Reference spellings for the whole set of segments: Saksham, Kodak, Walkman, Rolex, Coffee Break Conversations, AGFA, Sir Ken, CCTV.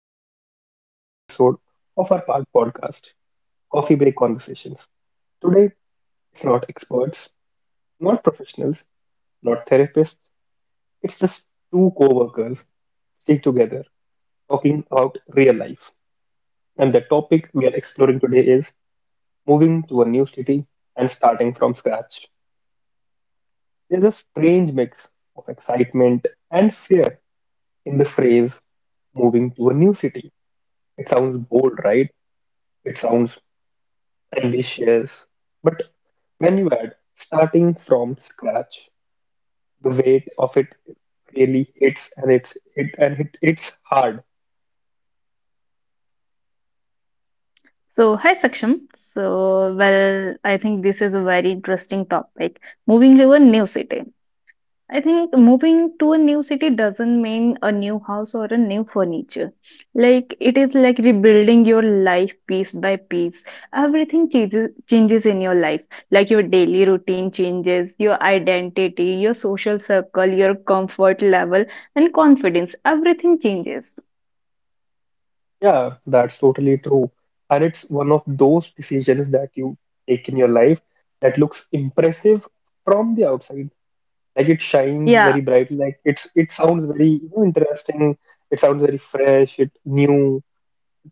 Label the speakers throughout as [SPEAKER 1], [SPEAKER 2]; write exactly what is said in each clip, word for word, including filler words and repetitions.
[SPEAKER 1] back to another episode of our pod- podcast, Coffee Break Conversations. Today, it's not experts, not professionals, not therapists. It's just two co workers stick together talking about real life. And the topic we are exploring today is moving to a new city and starting from scratch. There's a strange mix of excitement and fear in the phrase moving to a new city. It sounds bold, right? It sounds delicious. But when you add starting from scratch, the weight of it really hits and it's it and it it's hard.
[SPEAKER 2] So, hi Saksham. So, well, I think this is a very interesting topic. Moving to a new city. I think moving to a new city doesn't mean a new house or a new furniture. Like it is like rebuilding your life piece by piece. Everything changes changes in your life. Like your daily routine changes, your identity, your social circle, your comfort level, and confidence. Everything changes.
[SPEAKER 1] Yeah, that's totally true. And it's one of those decisions that you take in your life that looks impressive from the outside. Like it shines
[SPEAKER 2] Yeah.
[SPEAKER 1] very brightly, like it's it sounds very, you know, interesting, it sounds very fresh, it new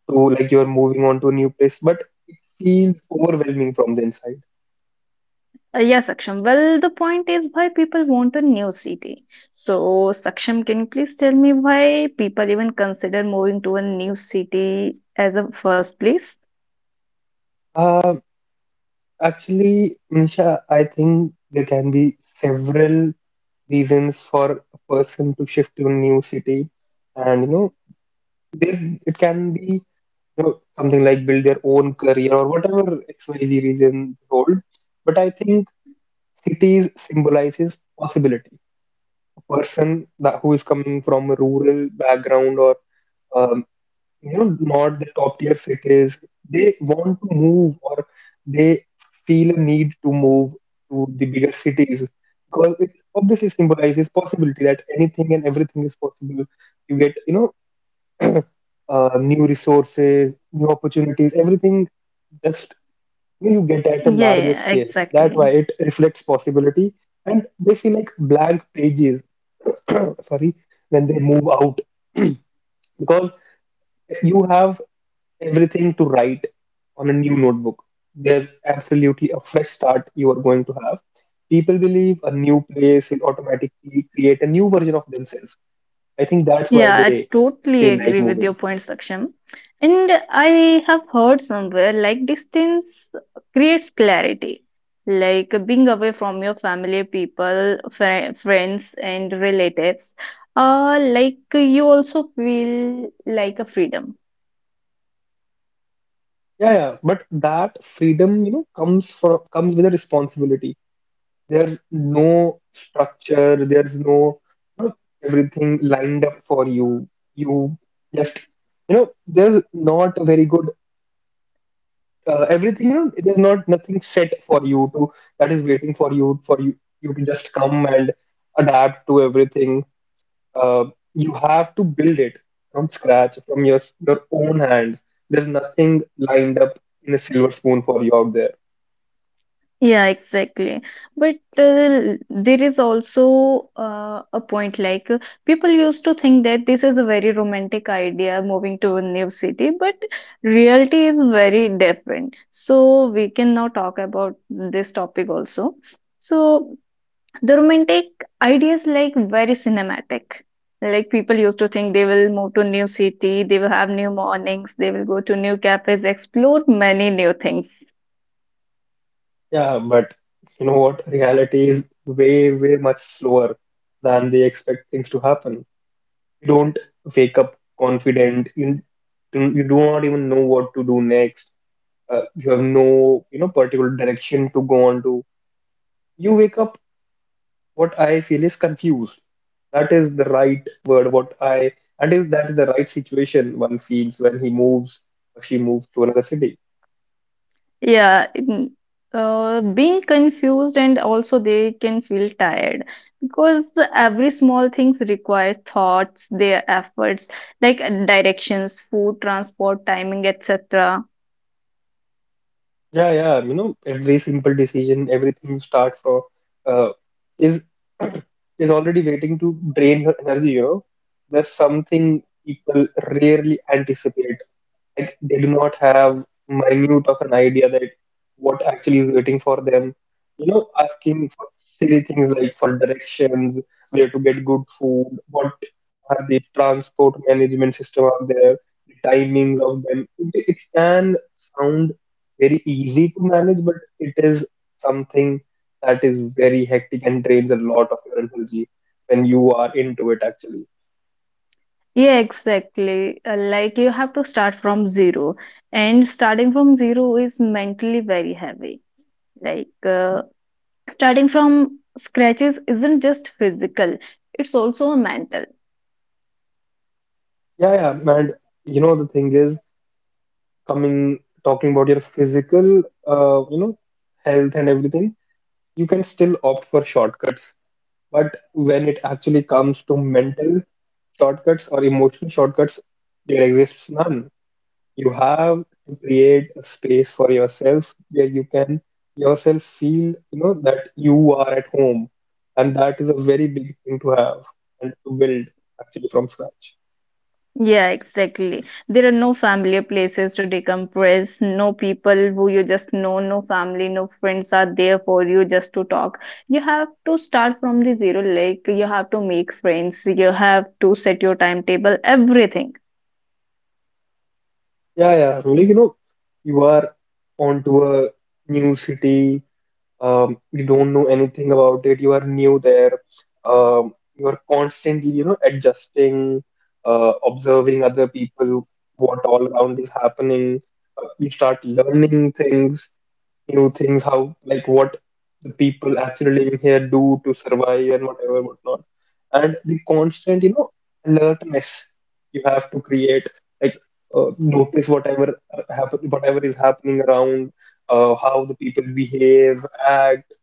[SPEAKER 1] to, like, you're moving on to a new place, but it feels overwhelming from the inside.
[SPEAKER 2] Uh, yeah, Saksham, well, the point is why people want a new city. So, Saksham, can you please tell me why people even consider moving to a new city as a first place?
[SPEAKER 1] Ah, Actually, Nisha, I think there can be several reasons for a person to shift to a new city. And, you know, there it can be, you know, something like build their own career or whatever X Y Z reason they hold. But I think cities symbolizes possibility. A person that who is coming from a rural background or um. you know, not the top tier cities. They want to move or they feel a need to move to the bigger cities because it obviously symbolizes possibility that anything and everything is possible. You get, you know, uh, new resources, new opportunities, everything just, you know, you get at a
[SPEAKER 2] Yeah,
[SPEAKER 1] larger
[SPEAKER 2] yeah,
[SPEAKER 1] scale. That's why
[SPEAKER 2] exactly.
[SPEAKER 1] it reflects possibility. And they feel like blank pages, sorry, when they move out because you have everything to write on a new notebook. There's absolutely a fresh start you are going to have. People believe a new place will automatically create a new version of themselves. I think that's why
[SPEAKER 2] Yeah, I
[SPEAKER 1] they
[SPEAKER 2] totally
[SPEAKER 1] feel like
[SPEAKER 2] agree with
[SPEAKER 1] moving.
[SPEAKER 2] your point, Saksham. And I have heard somewhere like distance creates clarity. Like being away from your family, people, fri friends, and relatives, uh, like you also feel like a freedom.
[SPEAKER 1] Yeah, yeah, but that freedom, you know, comes for comes with a responsibility. There's no structure, there's no everything lined up for you. You just, you know, there's not a very good, uh, everything, you know, it is not nothing set for you to that is waiting for you for you you to just come and adapt to everything. uh, you have to build it from scratch from your your own hands. There's nothing lined up in a silver spoon for you out there.
[SPEAKER 2] Yeah, exactly. But uh, there is also uh, a point like uh, people used to think that this is a very romantic idea moving to a new city, but reality is very different. So we can now talk about this topic also. So the romantic idea is like very cinematic. Like people used to think they will move to new city, they will have new mornings, they will go to new cafes, explore many new things.
[SPEAKER 1] Yeah, but you know what, reality is way way much slower than they expect things to happen. You don't wake up confident. You, you do not even know what to do next. Uh, you have no, you know, particular direction to go on to. You wake up, what I feel is confused. That is the right word. What I and is that is the right situation one feels when he moves or she moves to another city.
[SPEAKER 2] Yeah, in- uh, Being confused and also they can feel tired because every small things require thoughts, their efforts, like uh, directions, food, transport, timing, et cetera.
[SPEAKER 1] Yeah, yeah, you know, every simple decision everything you start from, uh, is is already waiting to drain your energy, you know. There's something people rarely anticipate. Like they do not have minute of an idea that what actually is waiting for them. You know, asking for silly things like for directions, where to get good food, what are the transport management system out there, the timings of them. It, it can sound very easy to manage, but it is something that is very hectic and drains a lot of your energy when you are into it actually.
[SPEAKER 2] Yeah, exactly. Uh, like you have to start from zero, and starting from zero is mentally very heavy. Like uh, Starting from scratches isn't just physical; it's also mental.
[SPEAKER 1] Yeah, yeah, and, you know, the thing is, coming, talking about your physical, uh, you know, health and everything, you can still opt for shortcuts. But when it actually comes to mental shortcuts or emotional shortcuts, there exists none. You have to create a space for yourself where you can yourself feel, you know, that you are at home. And that is a very big thing to have and to build actually from scratch.
[SPEAKER 2] Yeah, exactly. There are no familiar places to decompress, no people who you just know, no family, no friends are there for you just to talk. You have to start from the zero, like you have to make friends, you have to set your timetable, everything.
[SPEAKER 1] Yeah, yeah, really, you know, you are onto a new city. Um, you don't know anything about it, you are new there. Um, you are constantly, you know, adjusting, uh, observing other people, what all around is happening. Uh, you start learning things, new things, how, like what the people actually living here do to survive and whatever, whatnot. And the constant, you know, alertness you have to create, like, uh, notice whatever uh, happen, whatever is happening around, uh, how the people behave, act,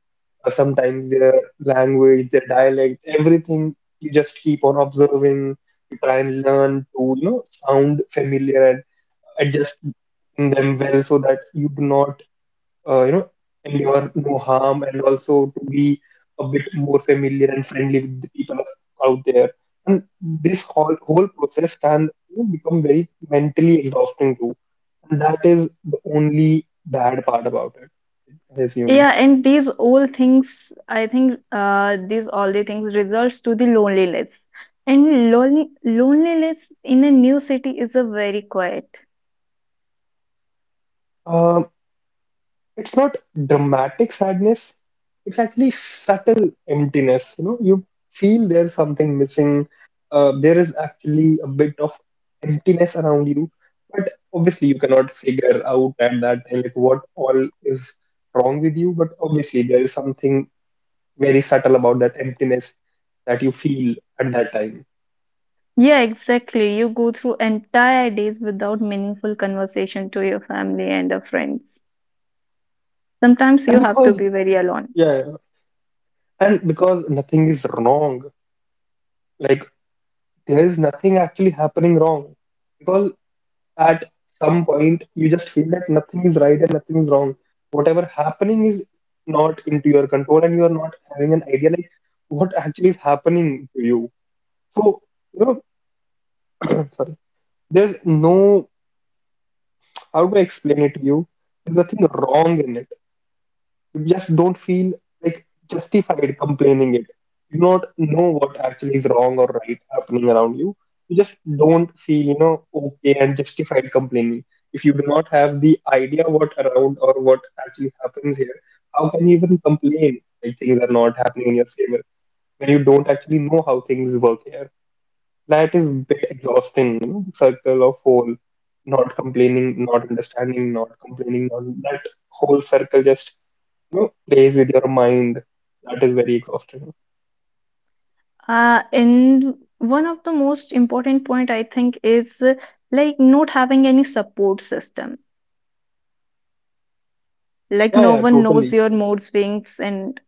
[SPEAKER 1] uh, sometimes their language, their dialect, everything. You just keep on observing. You try and learn to, you know, sound familiar and adjust them well so that you do not, uh, you know, endure no harm and also to be a bit more familiar and friendly with the people out there. And this whole whole process can, you know, become very mentally exhausting too. And that is the only bad part about it, I assume.
[SPEAKER 2] Yeah, and these all things, I think, uh, these all the things results to the loneliness. And lonely, loneliness in a new city is a very quiet.
[SPEAKER 1] Um It's not dramatic sadness. It's actually subtle emptiness. You know, you feel there's something missing. Uh, there is actually a bit of emptiness around you, but obviously you cannot figure out at that time like what all is wrong with you. But obviously there is something very subtle about that emptiness that you feel at that time.
[SPEAKER 2] Yeah, exactly. You go through entire days without meaningful conversation to your family and your friends. Sometimes
[SPEAKER 1] And
[SPEAKER 2] you have to
[SPEAKER 1] because
[SPEAKER 2] be very alone.
[SPEAKER 1] yeah, yeah, and because nothing is wrong, like there is nothing actually happening wrong because at some point you just feel that nothing is right and nothing is wrong. Whatever happening is not into your control and you are not having an idea like what actually is happening to you. So, you know, sorry, there's no, how do I explain it to you? There's nothing wrong in it. You just don't feel like justified complaining it. You do not know what actually is wrong or right happening around you. You just don't feel, you know, okay and justified complaining. If you do not have the idea what around or what actually happens here, how can you even complain like things are not happening in your favor when you don't actually know how things work here? That is a bit exhausting, you know, the circle of whole not complaining, not understanding, not complaining, not that whole circle just, you know, plays with your mind. That is very exhausting.
[SPEAKER 2] Uh, and one of the most important point I think is uh, like not having any support system. Like
[SPEAKER 1] Yeah,
[SPEAKER 2] no
[SPEAKER 1] yeah,
[SPEAKER 2] one knows
[SPEAKER 1] totally.
[SPEAKER 2] your mood swings and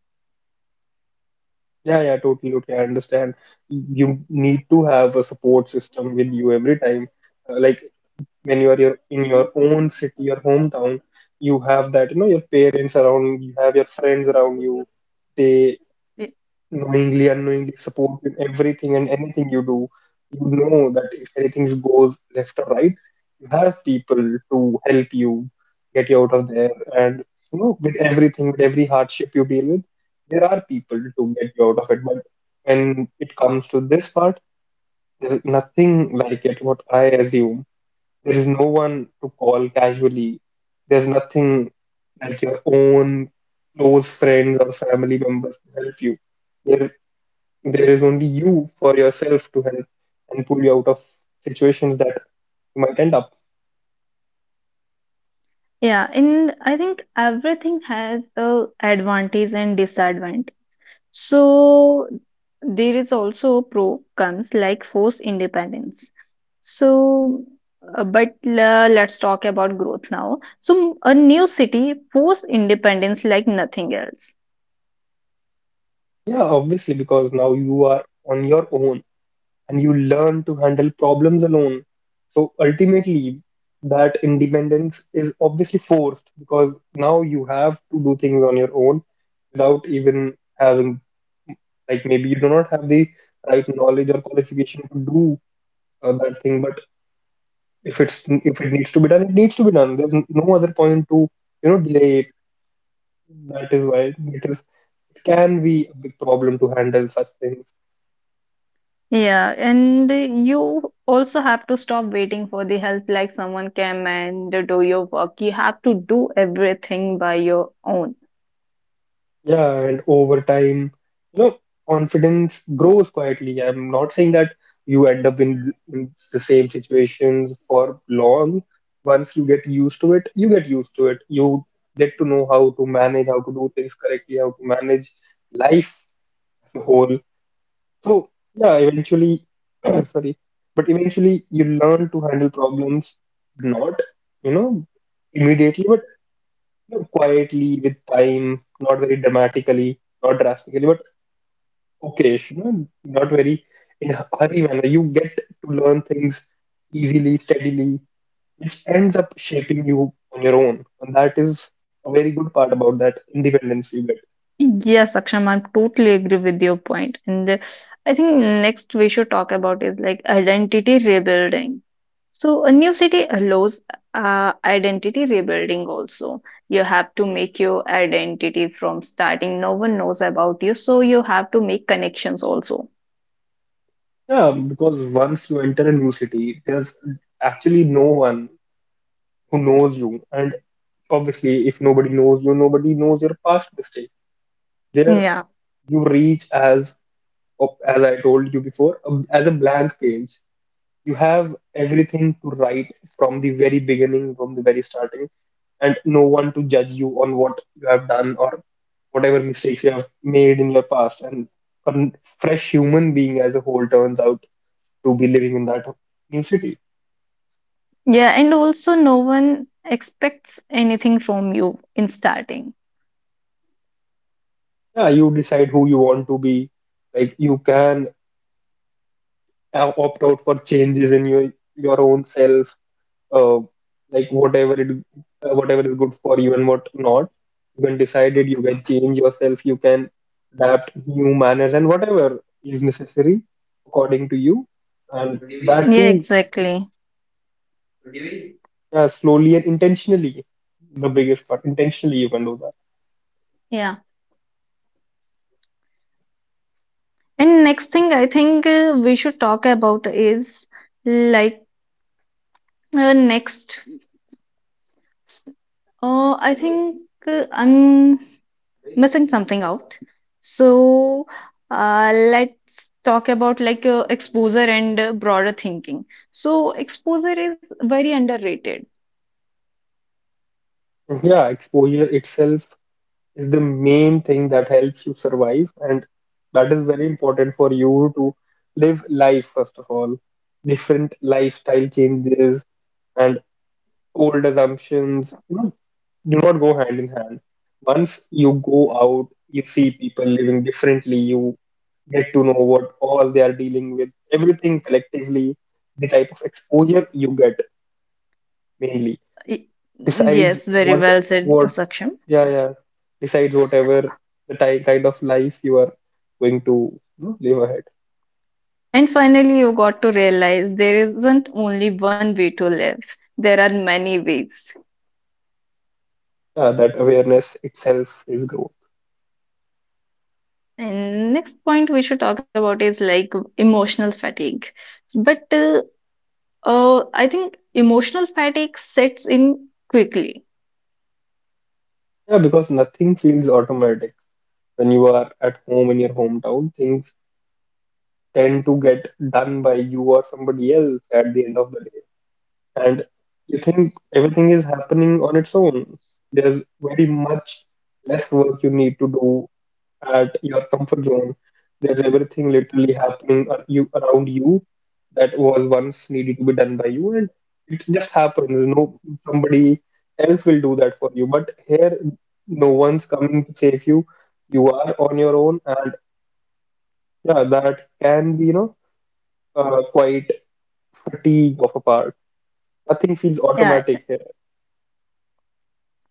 [SPEAKER 1] Yeah, yeah, totally. Okay, I understand. You need to have a support system with you every time. Uh, like when you are your, in your own city, your hometown, you have that, you know, your parents around, you have your friends around you. They, knowingly, unknowingly, support in everything and anything you do. You know that if anything goes left or right, you have people to help you get you out of there. And, you know, with everything, with every hardship you deal with, there are people to get you out of it. But when it comes to this part, there is nothing like it, what I assume. There is no one to call casually. There's nothing like your own close friends or family members to help you. There there is only you for yourself to help and pull you out of situations that you might end up.
[SPEAKER 2] yeah, and I think everything has a advantage and disadvantage. So there is also pro comes like forced independence. So, uh, but uh, let's talk about growth now. So a new city forced independence like nothing else.
[SPEAKER 1] Yeah, obviously, because now you are on your own and you learn to handle problems alone. So ultimately, that independence is obviously forced because now you have to do things on your own without even having, like, maybe you do not have the right knowledge or qualification to do, uh, that thing. But if it's if it needs to be done, it needs to be done. There's no other point to, you know, delay it. That is why it is it can be a big problem to handle such things.
[SPEAKER 2] Yeah, and you also have to stop waiting for the help like someone came and do your work. You have to do everything by your own.
[SPEAKER 1] Yeah, and over time, you know, confidence grows quietly. I'm not saying that you end up in, in the same situations for long. Once you get used to it, you get used to it. You get to know how to manage, how to do things correctly, how to manage life as a whole. So, yeah, eventually, sorry, but eventually you learn to handle problems, not, you know, immediately, but, you know, quietly with time, not very dramatically, not drastically, but okay, you know, not very in a hurry manner. You get to learn things easily, steadily, which ends up shaping you on your own. And that is a very good part about that independence you get.
[SPEAKER 2] Yes, Aksham, I totally agree with your point. And uh, I think next we should talk about is like identity rebuilding. So a new city allows uh, identity rebuilding also. You have to make your identity from starting. No one knows about you, so you have to make connections also.
[SPEAKER 1] Yeah, because once you enter a new city, there's actually no one who knows you. And obviously, if nobody knows you, nobody knows your past mistake. There,
[SPEAKER 2] Yeah.
[SPEAKER 1] you reach as, as I told you before, as a blank page. You have everything to write from the very beginning, from the very starting, and no one to judge you on what you have done or whatever mistakes you have made in your past. And a fresh human being as a whole turns out to be living in that new city.
[SPEAKER 2] Yeah, and also no one expects anything from you in starting.
[SPEAKER 1] Yeah, you decide who you want to be. Like you can uh, opt out for changes in your your own self, uh, like whatever it uh, whatever is good for you and what not. You can decide it, you can change yourself, you can adapt new manners and whatever is necessary according to you, and that
[SPEAKER 2] Yeah,
[SPEAKER 1] too
[SPEAKER 2] exactly.
[SPEAKER 1] uh, slowly and intentionally. The biggest part, intentionally, you can do that.
[SPEAKER 2] Yeah. And next thing I think uh, we should talk about is like uh, next. Uh, I think uh, I'm missing something out. So uh, let's talk about like uh, exposure and uh, broader thinking. So exposure is very underrated.
[SPEAKER 1] Yeah, exposure itself is the main thing that helps you survive, and that is very important for you to live life. First of all, different lifestyle changes and old assumptions, you know, do not go hand in hand. Once you go out, you see people living differently, you get to know what all they are dealing with, everything collectively. The type of exposure you get mainly
[SPEAKER 2] Y-
[SPEAKER 1] decides
[SPEAKER 2] Yes, very
[SPEAKER 1] what
[SPEAKER 2] well said,
[SPEAKER 1] what
[SPEAKER 2] Saksham.
[SPEAKER 1] yeah, yeah, decides whatever the ty kind of life you are going to, you know, live ahead.
[SPEAKER 2] And finally, you got to realize there isn't only one way to live. There are many ways.
[SPEAKER 1] Yeah, that awareness itself is growth.
[SPEAKER 2] And next point we should talk about is like emotional fatigue. But uh, uh, I think emotional fatigue sets in quickly.
[SPEAKER 1] Yeah, because nothing feels automatic. When you are at home in your hometown, things tend to get done by you or somebody else at the end of the day. And you think everything is happening on its own. There's very much less work you need to do at your comfort zone. There's everything literally happening ar- you, around you, that was once needed to be done by you, and it just happens. No, somebody else will do that for you. But here, no one's coming to save you. You are on your own, and yeah, that can be, you know, uh, quite fatigue of a part. Nothing feels
[SPEAKER 2] Yeah,
[SPEAKER 1] automatic here.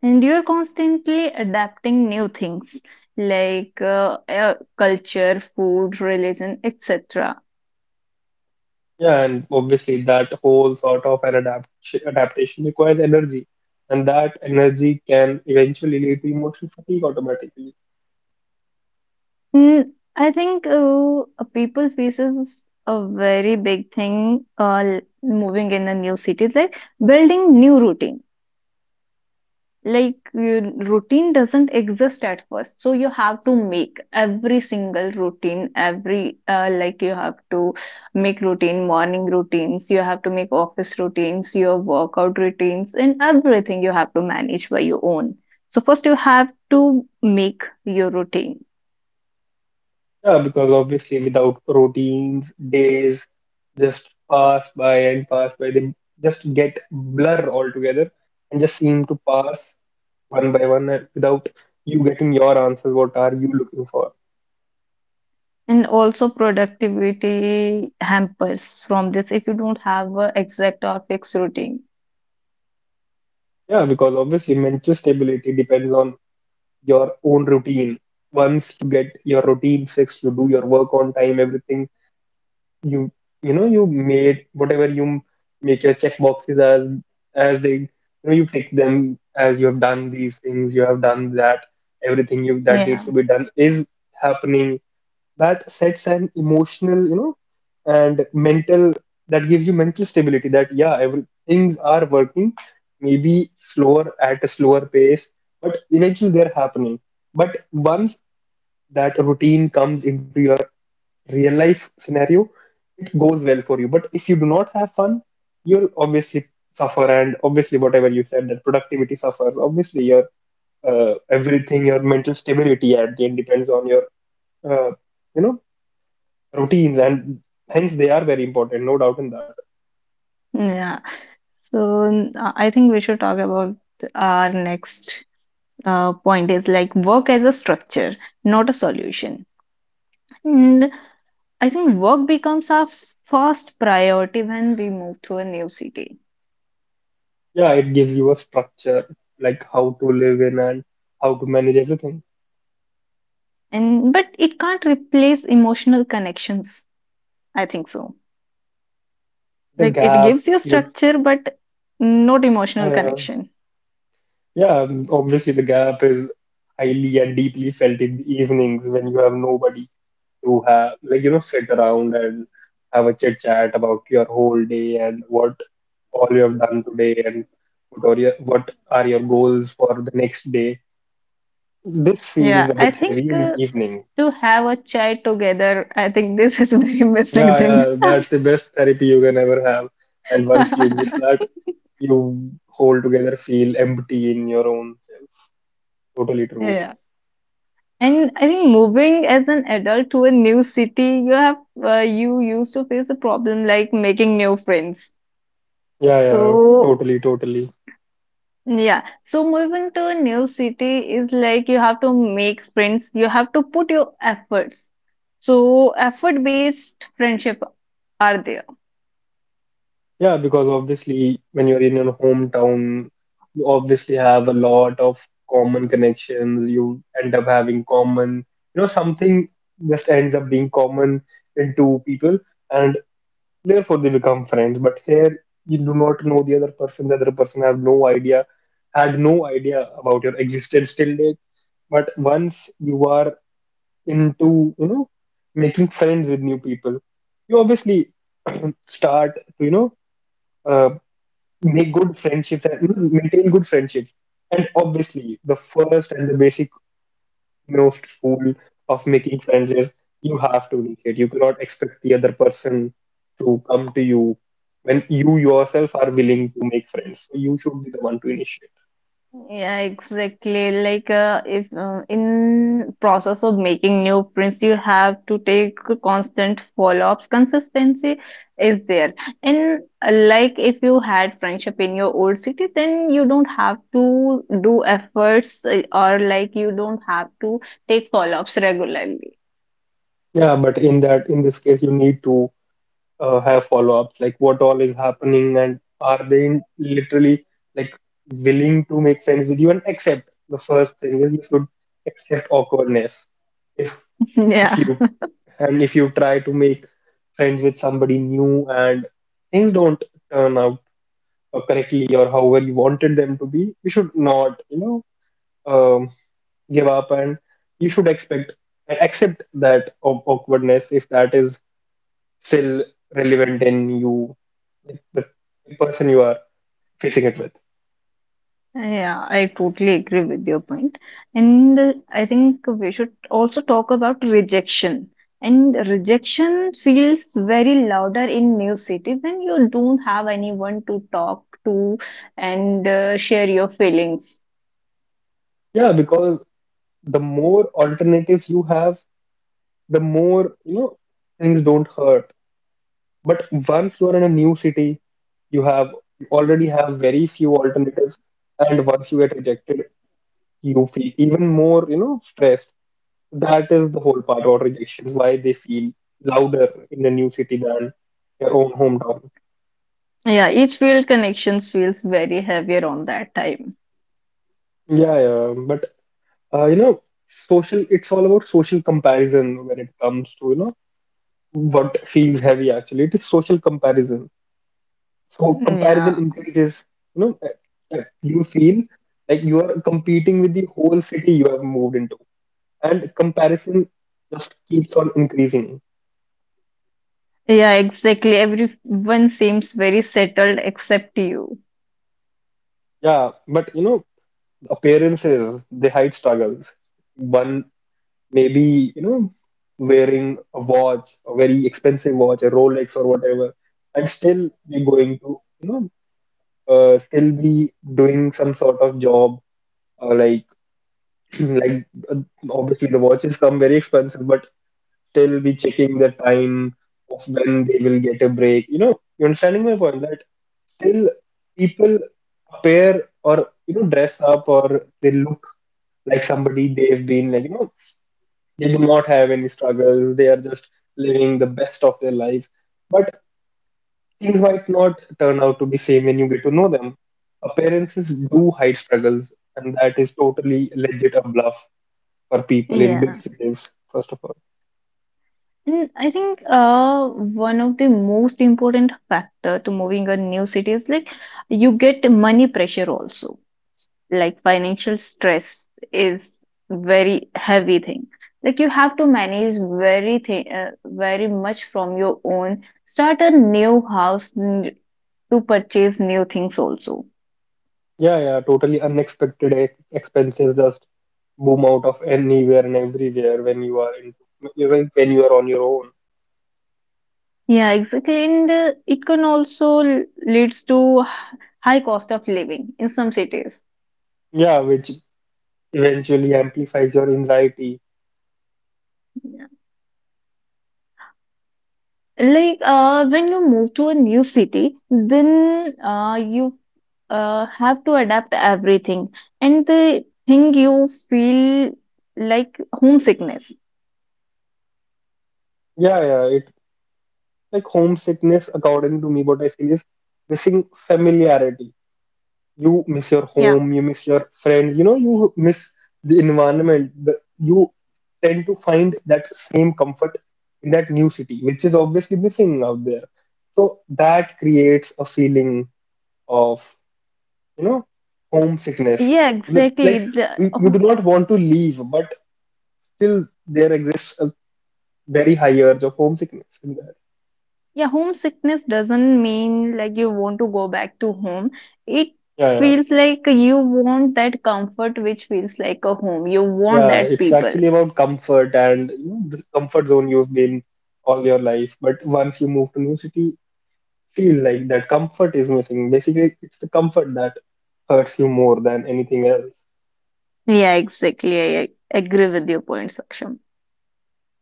[SPEAKER 2] and you're constantly adapting new things like uh, uh, culture, food, religion, et cetera.
[SPEAKER 1] Yeah, and obviously that whole sort of an adapt adaptation requires energy, and that energy can eventually lead to emotional fatigue automatically.
[SPEAKER 2] Mm, I think uh, uh, people faces a very big thing uh, moving in a new city, like building new routine. like you, Routine doesn't exist at first so you have to make every single routine, every uh, like you have to make routine morning routines, you have to make office routines, your workout routines, and everything you have to manage by your own. So first you have to make your routine.
[SPEAKER 1] Yeah, because obviously without routines, days just pass by and pass by. They just get blur altogether and just seem to pass one by one uh, without you getting your answers. What are you looking for?
[SPEAKER 2] And also productivity hampers from this if you don't have a exact or fixed routine.
[SPEAKER 1] Yeah, because obviously mental stability depends on your own routine. Once you get your routine fixed, you do your work on time, everything. you you know, you made whatever you make, your check boxes, as as they you know, you tick them as you have done these things, you have done that, everything you that
[SPEAKER 2] Yeah.
[SPEAKER 1] needs to be done is happening. That sets an emotional, you know, and mental, that gives you mental stability, that yeah, every things are working, maybe slower, at a slower pace, but eventually they're happening. But once that routine comes into your real life scenario, it goes well for you. But if you do not have fun, you'll obviously suffer, and obviously whatever you said, that productivity suffers. Obviously, your uh, everything, your mental stability at the end depends on your uh, you know, routines, and hence they are very important, no doubt in that.
[SPEAKER 2] Yeah. So n- uh, I think we should talk about our next uh, point is like work as a structure, not a solution. And I think work becomes our first priority when we move to a new city.
[SPEAKER 1] Yeah, it gives you a structure, like how to live in and how to manage everything.
[SPEAKER 2] And but it can't replace emotional connections. I think so.
[SPEAKER 1] The
[SPEAKER 2] Like it
[SPEAKER 1] gap,
[SPEAKER 2] gives you
[SPEAKER 1] your
[SPEAKER 2] structure, but not emotional
[SPEAKER 1] uh,
[SPEAKER 2] connection.
[SPEAKER 1] yeah, obviously the gap is highly and deeply felt in the evenings when you have nobody to, have, like, you know, sit around and have a chit chat about your whole day and what all you have done today and what are your what are your goals for the next day. This feels
[SPEAKER 2] Yeah,
[SPEAKER 1] a
[SPEAKER 2] I
[SPEAKER 1] bit
[SPEAKER 2] think
[SPEAKER 1] heavy in the
[SPEAKER 2] uh,
[SPEAKER 1] evening.
[SPEAKER 2] to have a child together, I think this is a very missing
[SPEAKER 1] Yeah,
[SPEAKER 2] thing.
[SPEAKER 1] yeah, that's the best therapy you can ever have. And once you miss that, you whole together feel empty in your own self. Totally true.
[SPEAKER 2] Yeah. And I think moving as an adult to a new city, you have uh, you used to face a problem like making new friends.
[SPEAKER 1] Yeah, yeah,
[SPEAKER 2] So
[SPEAKER 1] totally, totally.
[SPEAKER 2] yeah, so moving to a new city is like you have to make friends. You have to put your efforts. So effort-based friendship are there.
[SPEAKER 1] Yeah, because obviously, when you're in your hometown, you obviously have a lot of common connections. You end up having common, you know, something just ends up being common in two people. And. Therefore, they become friends. But here, you do not know the other person. The other person have no idea, had no idea about your existence till date. But once you are into, you know, making friends with new people, you obviously start to, you know, uh, make good friendships and, you know, maintain good friendships. And obviously, the first and the basic no fool of making friends is you have to initiate. You cannot expect the other person to come to you when you yourself are willing to make friends. So you should be the one to initiate.
[SPEAKER 2] Yeah, exactly. Like, uh, if uh, in process of making new friends, you have to take constant follow-ups. Consistency is there. And uh, like, if you had friendship in your old city, then you don't have to do efforts uh, or like you don't have to take follow-ups regularly.
[SPEAKER 1] Yeah, but in that, in this case, you need to uh, have follow-ups, like what all is happening, and are they in, literally, like, willing to make friends with you and accept. The first thing is you should accept awkwardness. If if
[SPEAKER 2] Yeah.
[SPEAKER 1] you and if you try to make friends with somebody new and things don't turn out uh, correctly or however you wanted them to be, you should not, you know, um, give up, and you should expect accept that aw- awkwardness if that is still relevant in you, like the person you are facing it with.
[SPEAKER 2] Yeah, I totally agree with your point. And uh, I think we should also talk about rejection. And rejection feels very louder in new city when you don't have anyone to talk to and uh, share your feelings.
[SPEAKER 1] Yeah, because the more alternatives you have, the more, you know, things don't hurt. But once you are in a new city, you have you already have very few alternatives, and once you get rejected, you feel even more, you know, stressed. That is the whole part about rejection, why they feel louder in a new city than their own hometown.
[SPEAKER 2] Yeah, each field connections feels very heavier on that time.
[SPEAKER 1] Yeah, yeah, but uh, you know, social, it's all about social comparison when it comes to, you know, what feels heavy actually. It is social comparison. So comparison
[SPEAKER 2] Yeah,
[SPEAKER 1] increases. You know, uh, uh, you feel like you are competing with the whole city you have moved into, and comparison just keeps on increasing.
[SPEAKER 2] yeah, exactly. Everyone seems very settled except you.
[SPEAKER 1] Yeah, but you know, appearances, they hide struggles. One, maybe, you know, wearing a watch, a very expensive watch, a Rolex or whatever, and still be going to, you know, uh, still be doing some sort of job, uh, like like uh, obviously the watches come very expensive, but still be checking the time of when they will get a break. You know, you understanding my point, that still people appear or, you know, dress up or they look like somebody, they've been, like, you know, they do not have any struggles. They are just living the best of their life. But things might not turn out to be same when you get to know them. Appearances do hide struggles, and that is totally legit a bluff for people in big
[SPEAKER 2] Yeah.
[SPEAKER 1] cities. First of all.
[SPEAKER 2] Mm, I think uh, one of the most important factor to moving a new city is like you get money pressure also. Like financial stress is very heavy thing. Like you have to manage very thing, uh, very much from your own. Start a new house n- to purchase new things also.
[SPEAKER 1] Yeah, yeah, totally unexpected ex- expenses just boom out of anywhere and everywhere when you are in, even when you are on your own.
[SPEAKER 2] Yeah, exactly. And uh, it can also l- leads to h- high cost of living in some cities.
[SPEAKER 1] Yeah, which eventually amplifies your anxiety.
[SPEAKER 2] Like uh, when you move to a new city, then uh, you uh, have to adapt everything, and the thing you feel like homesickness.
[SPEAKER 1] Yeah, yeah, it, like homesickness, according to me, what I feel is missing familiarity. You miss your
[SPEAKER 2] Yeah,
[SPEAKER 1] home, you miss your friends, you know, you miss the environment, the, you tend to find that same comfort in that new city, which is obviously missing out there, so that creates a feeling of, you know, homesickness.
[SPEAKER 2] yeah,
[SPEAKER 1] Look,
[SPEAKER 2] exactly.
[SPEAKER 1] like you,
[SPEAKER 2] The,
[SPEAKER 1] you do
[SPEAKER 2] oh,
[SPEAKER 1] not want to leave, but still there exists a very high urge of homesickness in there.
[SPEAKER 2] yeah, homesickness doesn't mean like you want to go back to home. It
[SPEAKER 1] Yeah, yeah,
[SPEAKER 2] feels like you want that comfort, which feels like a home. You want
[SPEAKER 1] yeah,
[SPEAKER 2] that
[SPEAKER 1] it's
[SPEAKER 2] people.
[SPEAKER 1] actually about comfort, and you know, this comfort zone you've been all your life, but once you move to new city, feel like that comfort is missing. Basically, it's the comfort that hurts you more than anything else.
[SPEAKER 2] Yeah, exactly. I I agree with your point, Saksham.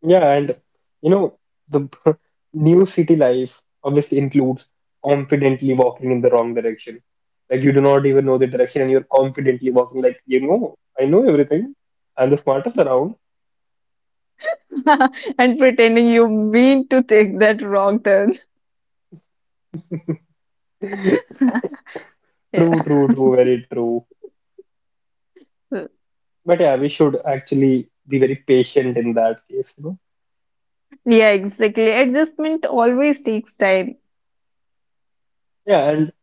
[SPEAKER 1] Yeah, and you know, the new city life obviously includes confidently walking in the wrong direction. Like you do not even know the direction, and you're confidently walking like, you know, I know everything. I'm the smartest around.
[SPEAKER 2] And pretending you mean to take that wrong turn. Yeah.
[SPEAKER 1] True, true, true, very true. But yeah, we should actually be very patient in that case, you know.
[SPEAKER 2] Yeah, exactly. Adjustment always takes time.
[SPEAKER 1] Yeah, and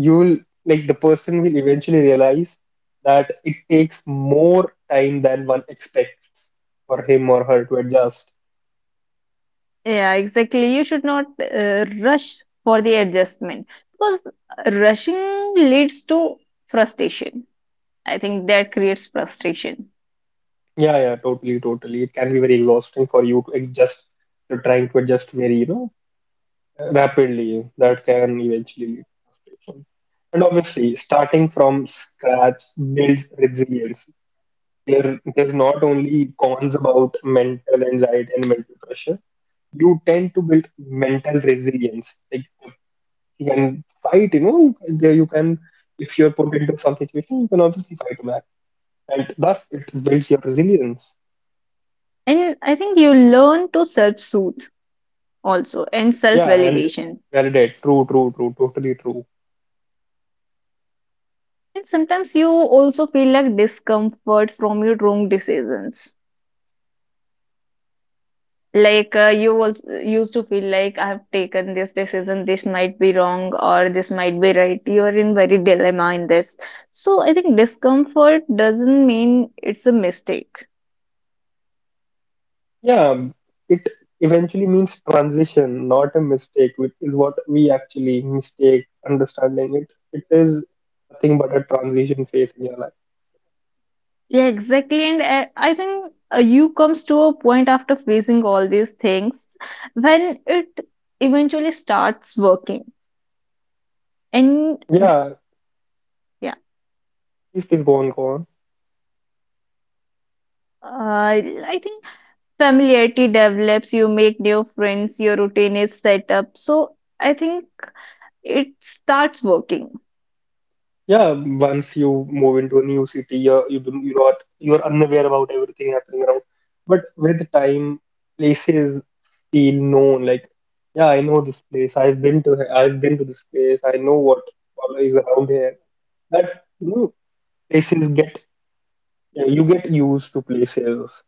[SPEAKER 1] you'll, like, the person will eventually realize that it takes more time than one expects for him or her to adjust.
[SPEAKER 2] Yeah, exactly. You should not uh, rush for the adjustment because rushing leads to frustration. I think that creates frustration.
[SPEAKER 1] Yeah, yeah, totally, totally. It can be very exhausting for you to adjust. You're trying to adjust very, you know, rapidly. That can eventually lead to frustration. And obviously, starting from scratch builds resilience. There, there's not only cons about mental anxiety and mental pressure. You tend to build mental resilience. Like you can fight, you know, there you can, if you're put into some situation, you can obviously fight back. And thus it builds your resilience.
[SPEAKER 2] And I think you learn to self soothe also and self
[SPEAKER 1] Yeah, and
[SPEAKER 2] validation.
[SPEAKER 1] validate. True, true, true, totally true.
[SPEAKER 2] And sometimes you also feel like discomfort from your wrong decisions. Like uh, you also used to feel like I have taken this decision, this might be wrong or this might be right. You are in very dilemma in this. So I think discomfort doesn't mean it's a mistake.
[SPEAKER 1] Yeah, it eventually means transition, not a mistake, which is what we actually mistake understanding it. It is nothing but a transition phase in your life.
[SPEAKER 2] Yeah, exactly. And uh, I think uh, you comes to a point after facing all these things when it eventually starts working. And
[SPEAKER 1] Yeah, please, please go on, go on.
[SPEAKER 2] Uh, I think familiarity develops, you make new friends, your routine is set up. So I think it starts working.
[SPEAKER 1] Yeah, once you move into a new city, you're, you don't, you're not, you're unaware about everything happening around. But with time, places feel known. Like, yeah, I know this place. I've been to, he- I've been to this place. I know what all is around here. That, you know, places get, you know, you get used to places.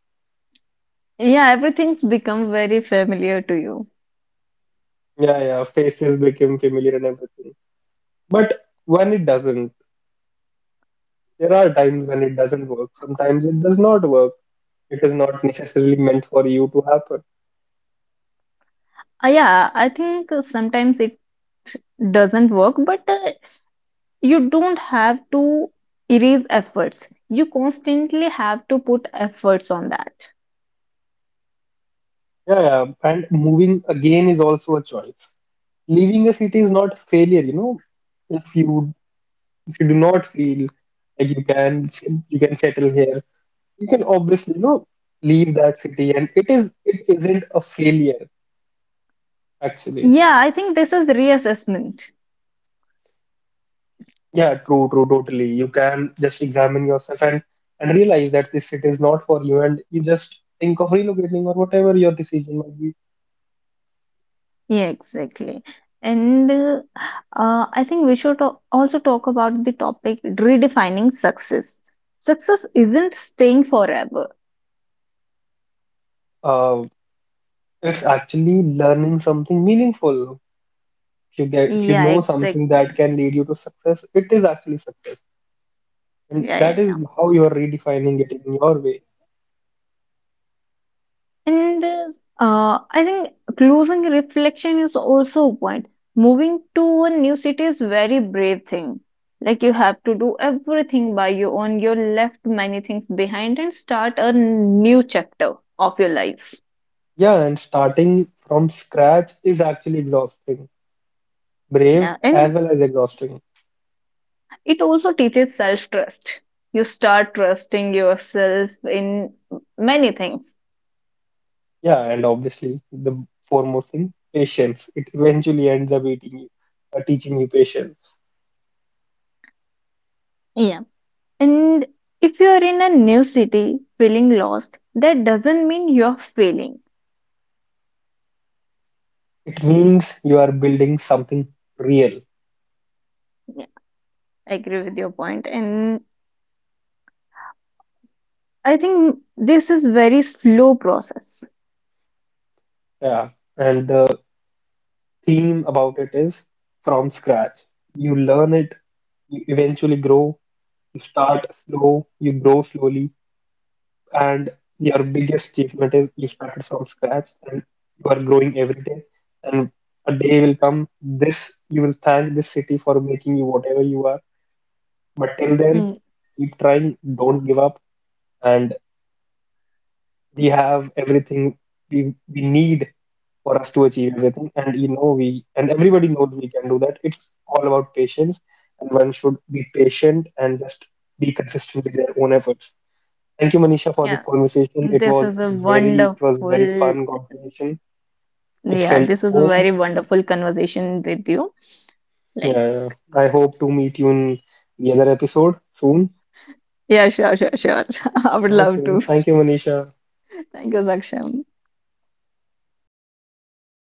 [SPEAKER 2] Yeah, everything's become very familiar to you.
[SPEAKER 1] Yeah, yeah, faces become familiar and everything. But when it doesn't, there are times when it doesn't work. Sometimes it does not work. It is not necessarily meant for you to happen.
[SPEAKER 2] Uh, yeah, I think uh, sometimes it doesn't work, but uh, you don't have to erase efforts. You constantly have to put efforts on that.
[SPEAKER 1] Yeah, yeah, and moving again is also a choice. Leaving a city is not failure, you know. If you if you do not feel like you can you can settle here, you can obviously, you know, leave that city, and it is it isn't a failure actually.
[SPEAKER 2] Yeah, I think this is reassessment.
[SPEAKER 1] Yeah, true, true, totally. You can just examine yourself and and realize that this city is not for you, and you just think of relocating or whatever your decision might be.
[SPEAKER 2] Yeah, exactly. And uh, uh, I think we should al- also talk about the topic redefining success. Success isn't staying forever.
[SPEAKER 1] Uh, it's actually learning something meaningful. If you get, if you
[SPEAKER 2] Yeah,
[SPEAKER 1] know something that
[SPEAKER 2] exactly.
[SPEAKER 1] can lead you to success, it is actually success, and
[SPEAKER 2] Yeah,
[SPEAKER 1] that
[SPEAKER 2] yeah,
[SPEAKER 1] is
[SPEAKER 2] yeah.
[SPEAKER 1] how you are redefining it in your way.
[SPEAKER 2] And uh, uh, I think closing reflection is also a point. Moving to a new city is very brave thing. Like you have to do everything by your own. You left many things behind and start a new chapter of your life.
[SPEAKER 1] Yeah, and starting from scratch is actually exhausting, brave
[SPEAKER 2] Yeah,
[SPEAKER 1] as
[SPEAKER 2] and
[SPEAKER 1] well as exhausting.
[SPEAKER 2] it also teaches self trust. You start trusting yourself in many things.
[SPEAKER 1] Yeah, and obviously the foremost thing, patience. It eventually ends up eating you, uh, teaching you patience.
[SPEAKER 2] Yeah. And if you are in a new city feeling lost, that doesn't mean you're failing.
[SPEAKER 1] It means you are building something real.
[SPEAKER 2] Yeah. I agree with your point. And I think this is very slow process.
[SPEAKER 1] Yeah, and the theme about it is from scratch. You learn it, you eventually grow, you start slow, you grow slowly, and your biggest achievement is you started from scratch and you are growing every day. And a day will come, this you will thank this city for making you whatever you are. But till then,
[SPEAKER 2] Mm.
[SPEAKER 1] keep trying, don't give up, and we have everything we we need for us to achieve everything. And you know we and everybody knows we can do that. It's all about patience, and one should be patient and just be consistent with their own efforts. Thank you, Manisha, for this
[SPEAKER 2] Yeah,
[SPEAKER 1] conversation. It
[SPEAKER 2] this
[SPEAKER 1] was
[SPEAKER 2] is a
[SPEAKER 1] very, it was very
[SPEAKER 2] wonderful,
[SPEAKER 1] fun conversation. It
[SPEAKER 2] yeah,
[SPEAKER 1] felt
[SPEAKER 2] this is a very
[SPEAKER 1] home.
[SPEAKER 2] wonderful conversation with you. Like,
[SPEAKER 1] Yeah, I hope to meet you in the other episode soon.
[SPEAKER 2] yeah, sure, sure, sure. I would love
[SPEAKER 1] Okay,
[SPEAKER 2] to.
[SPEAKER 1] thank you, Manisha.
[SPEAKER 2] Thank you, Saksham.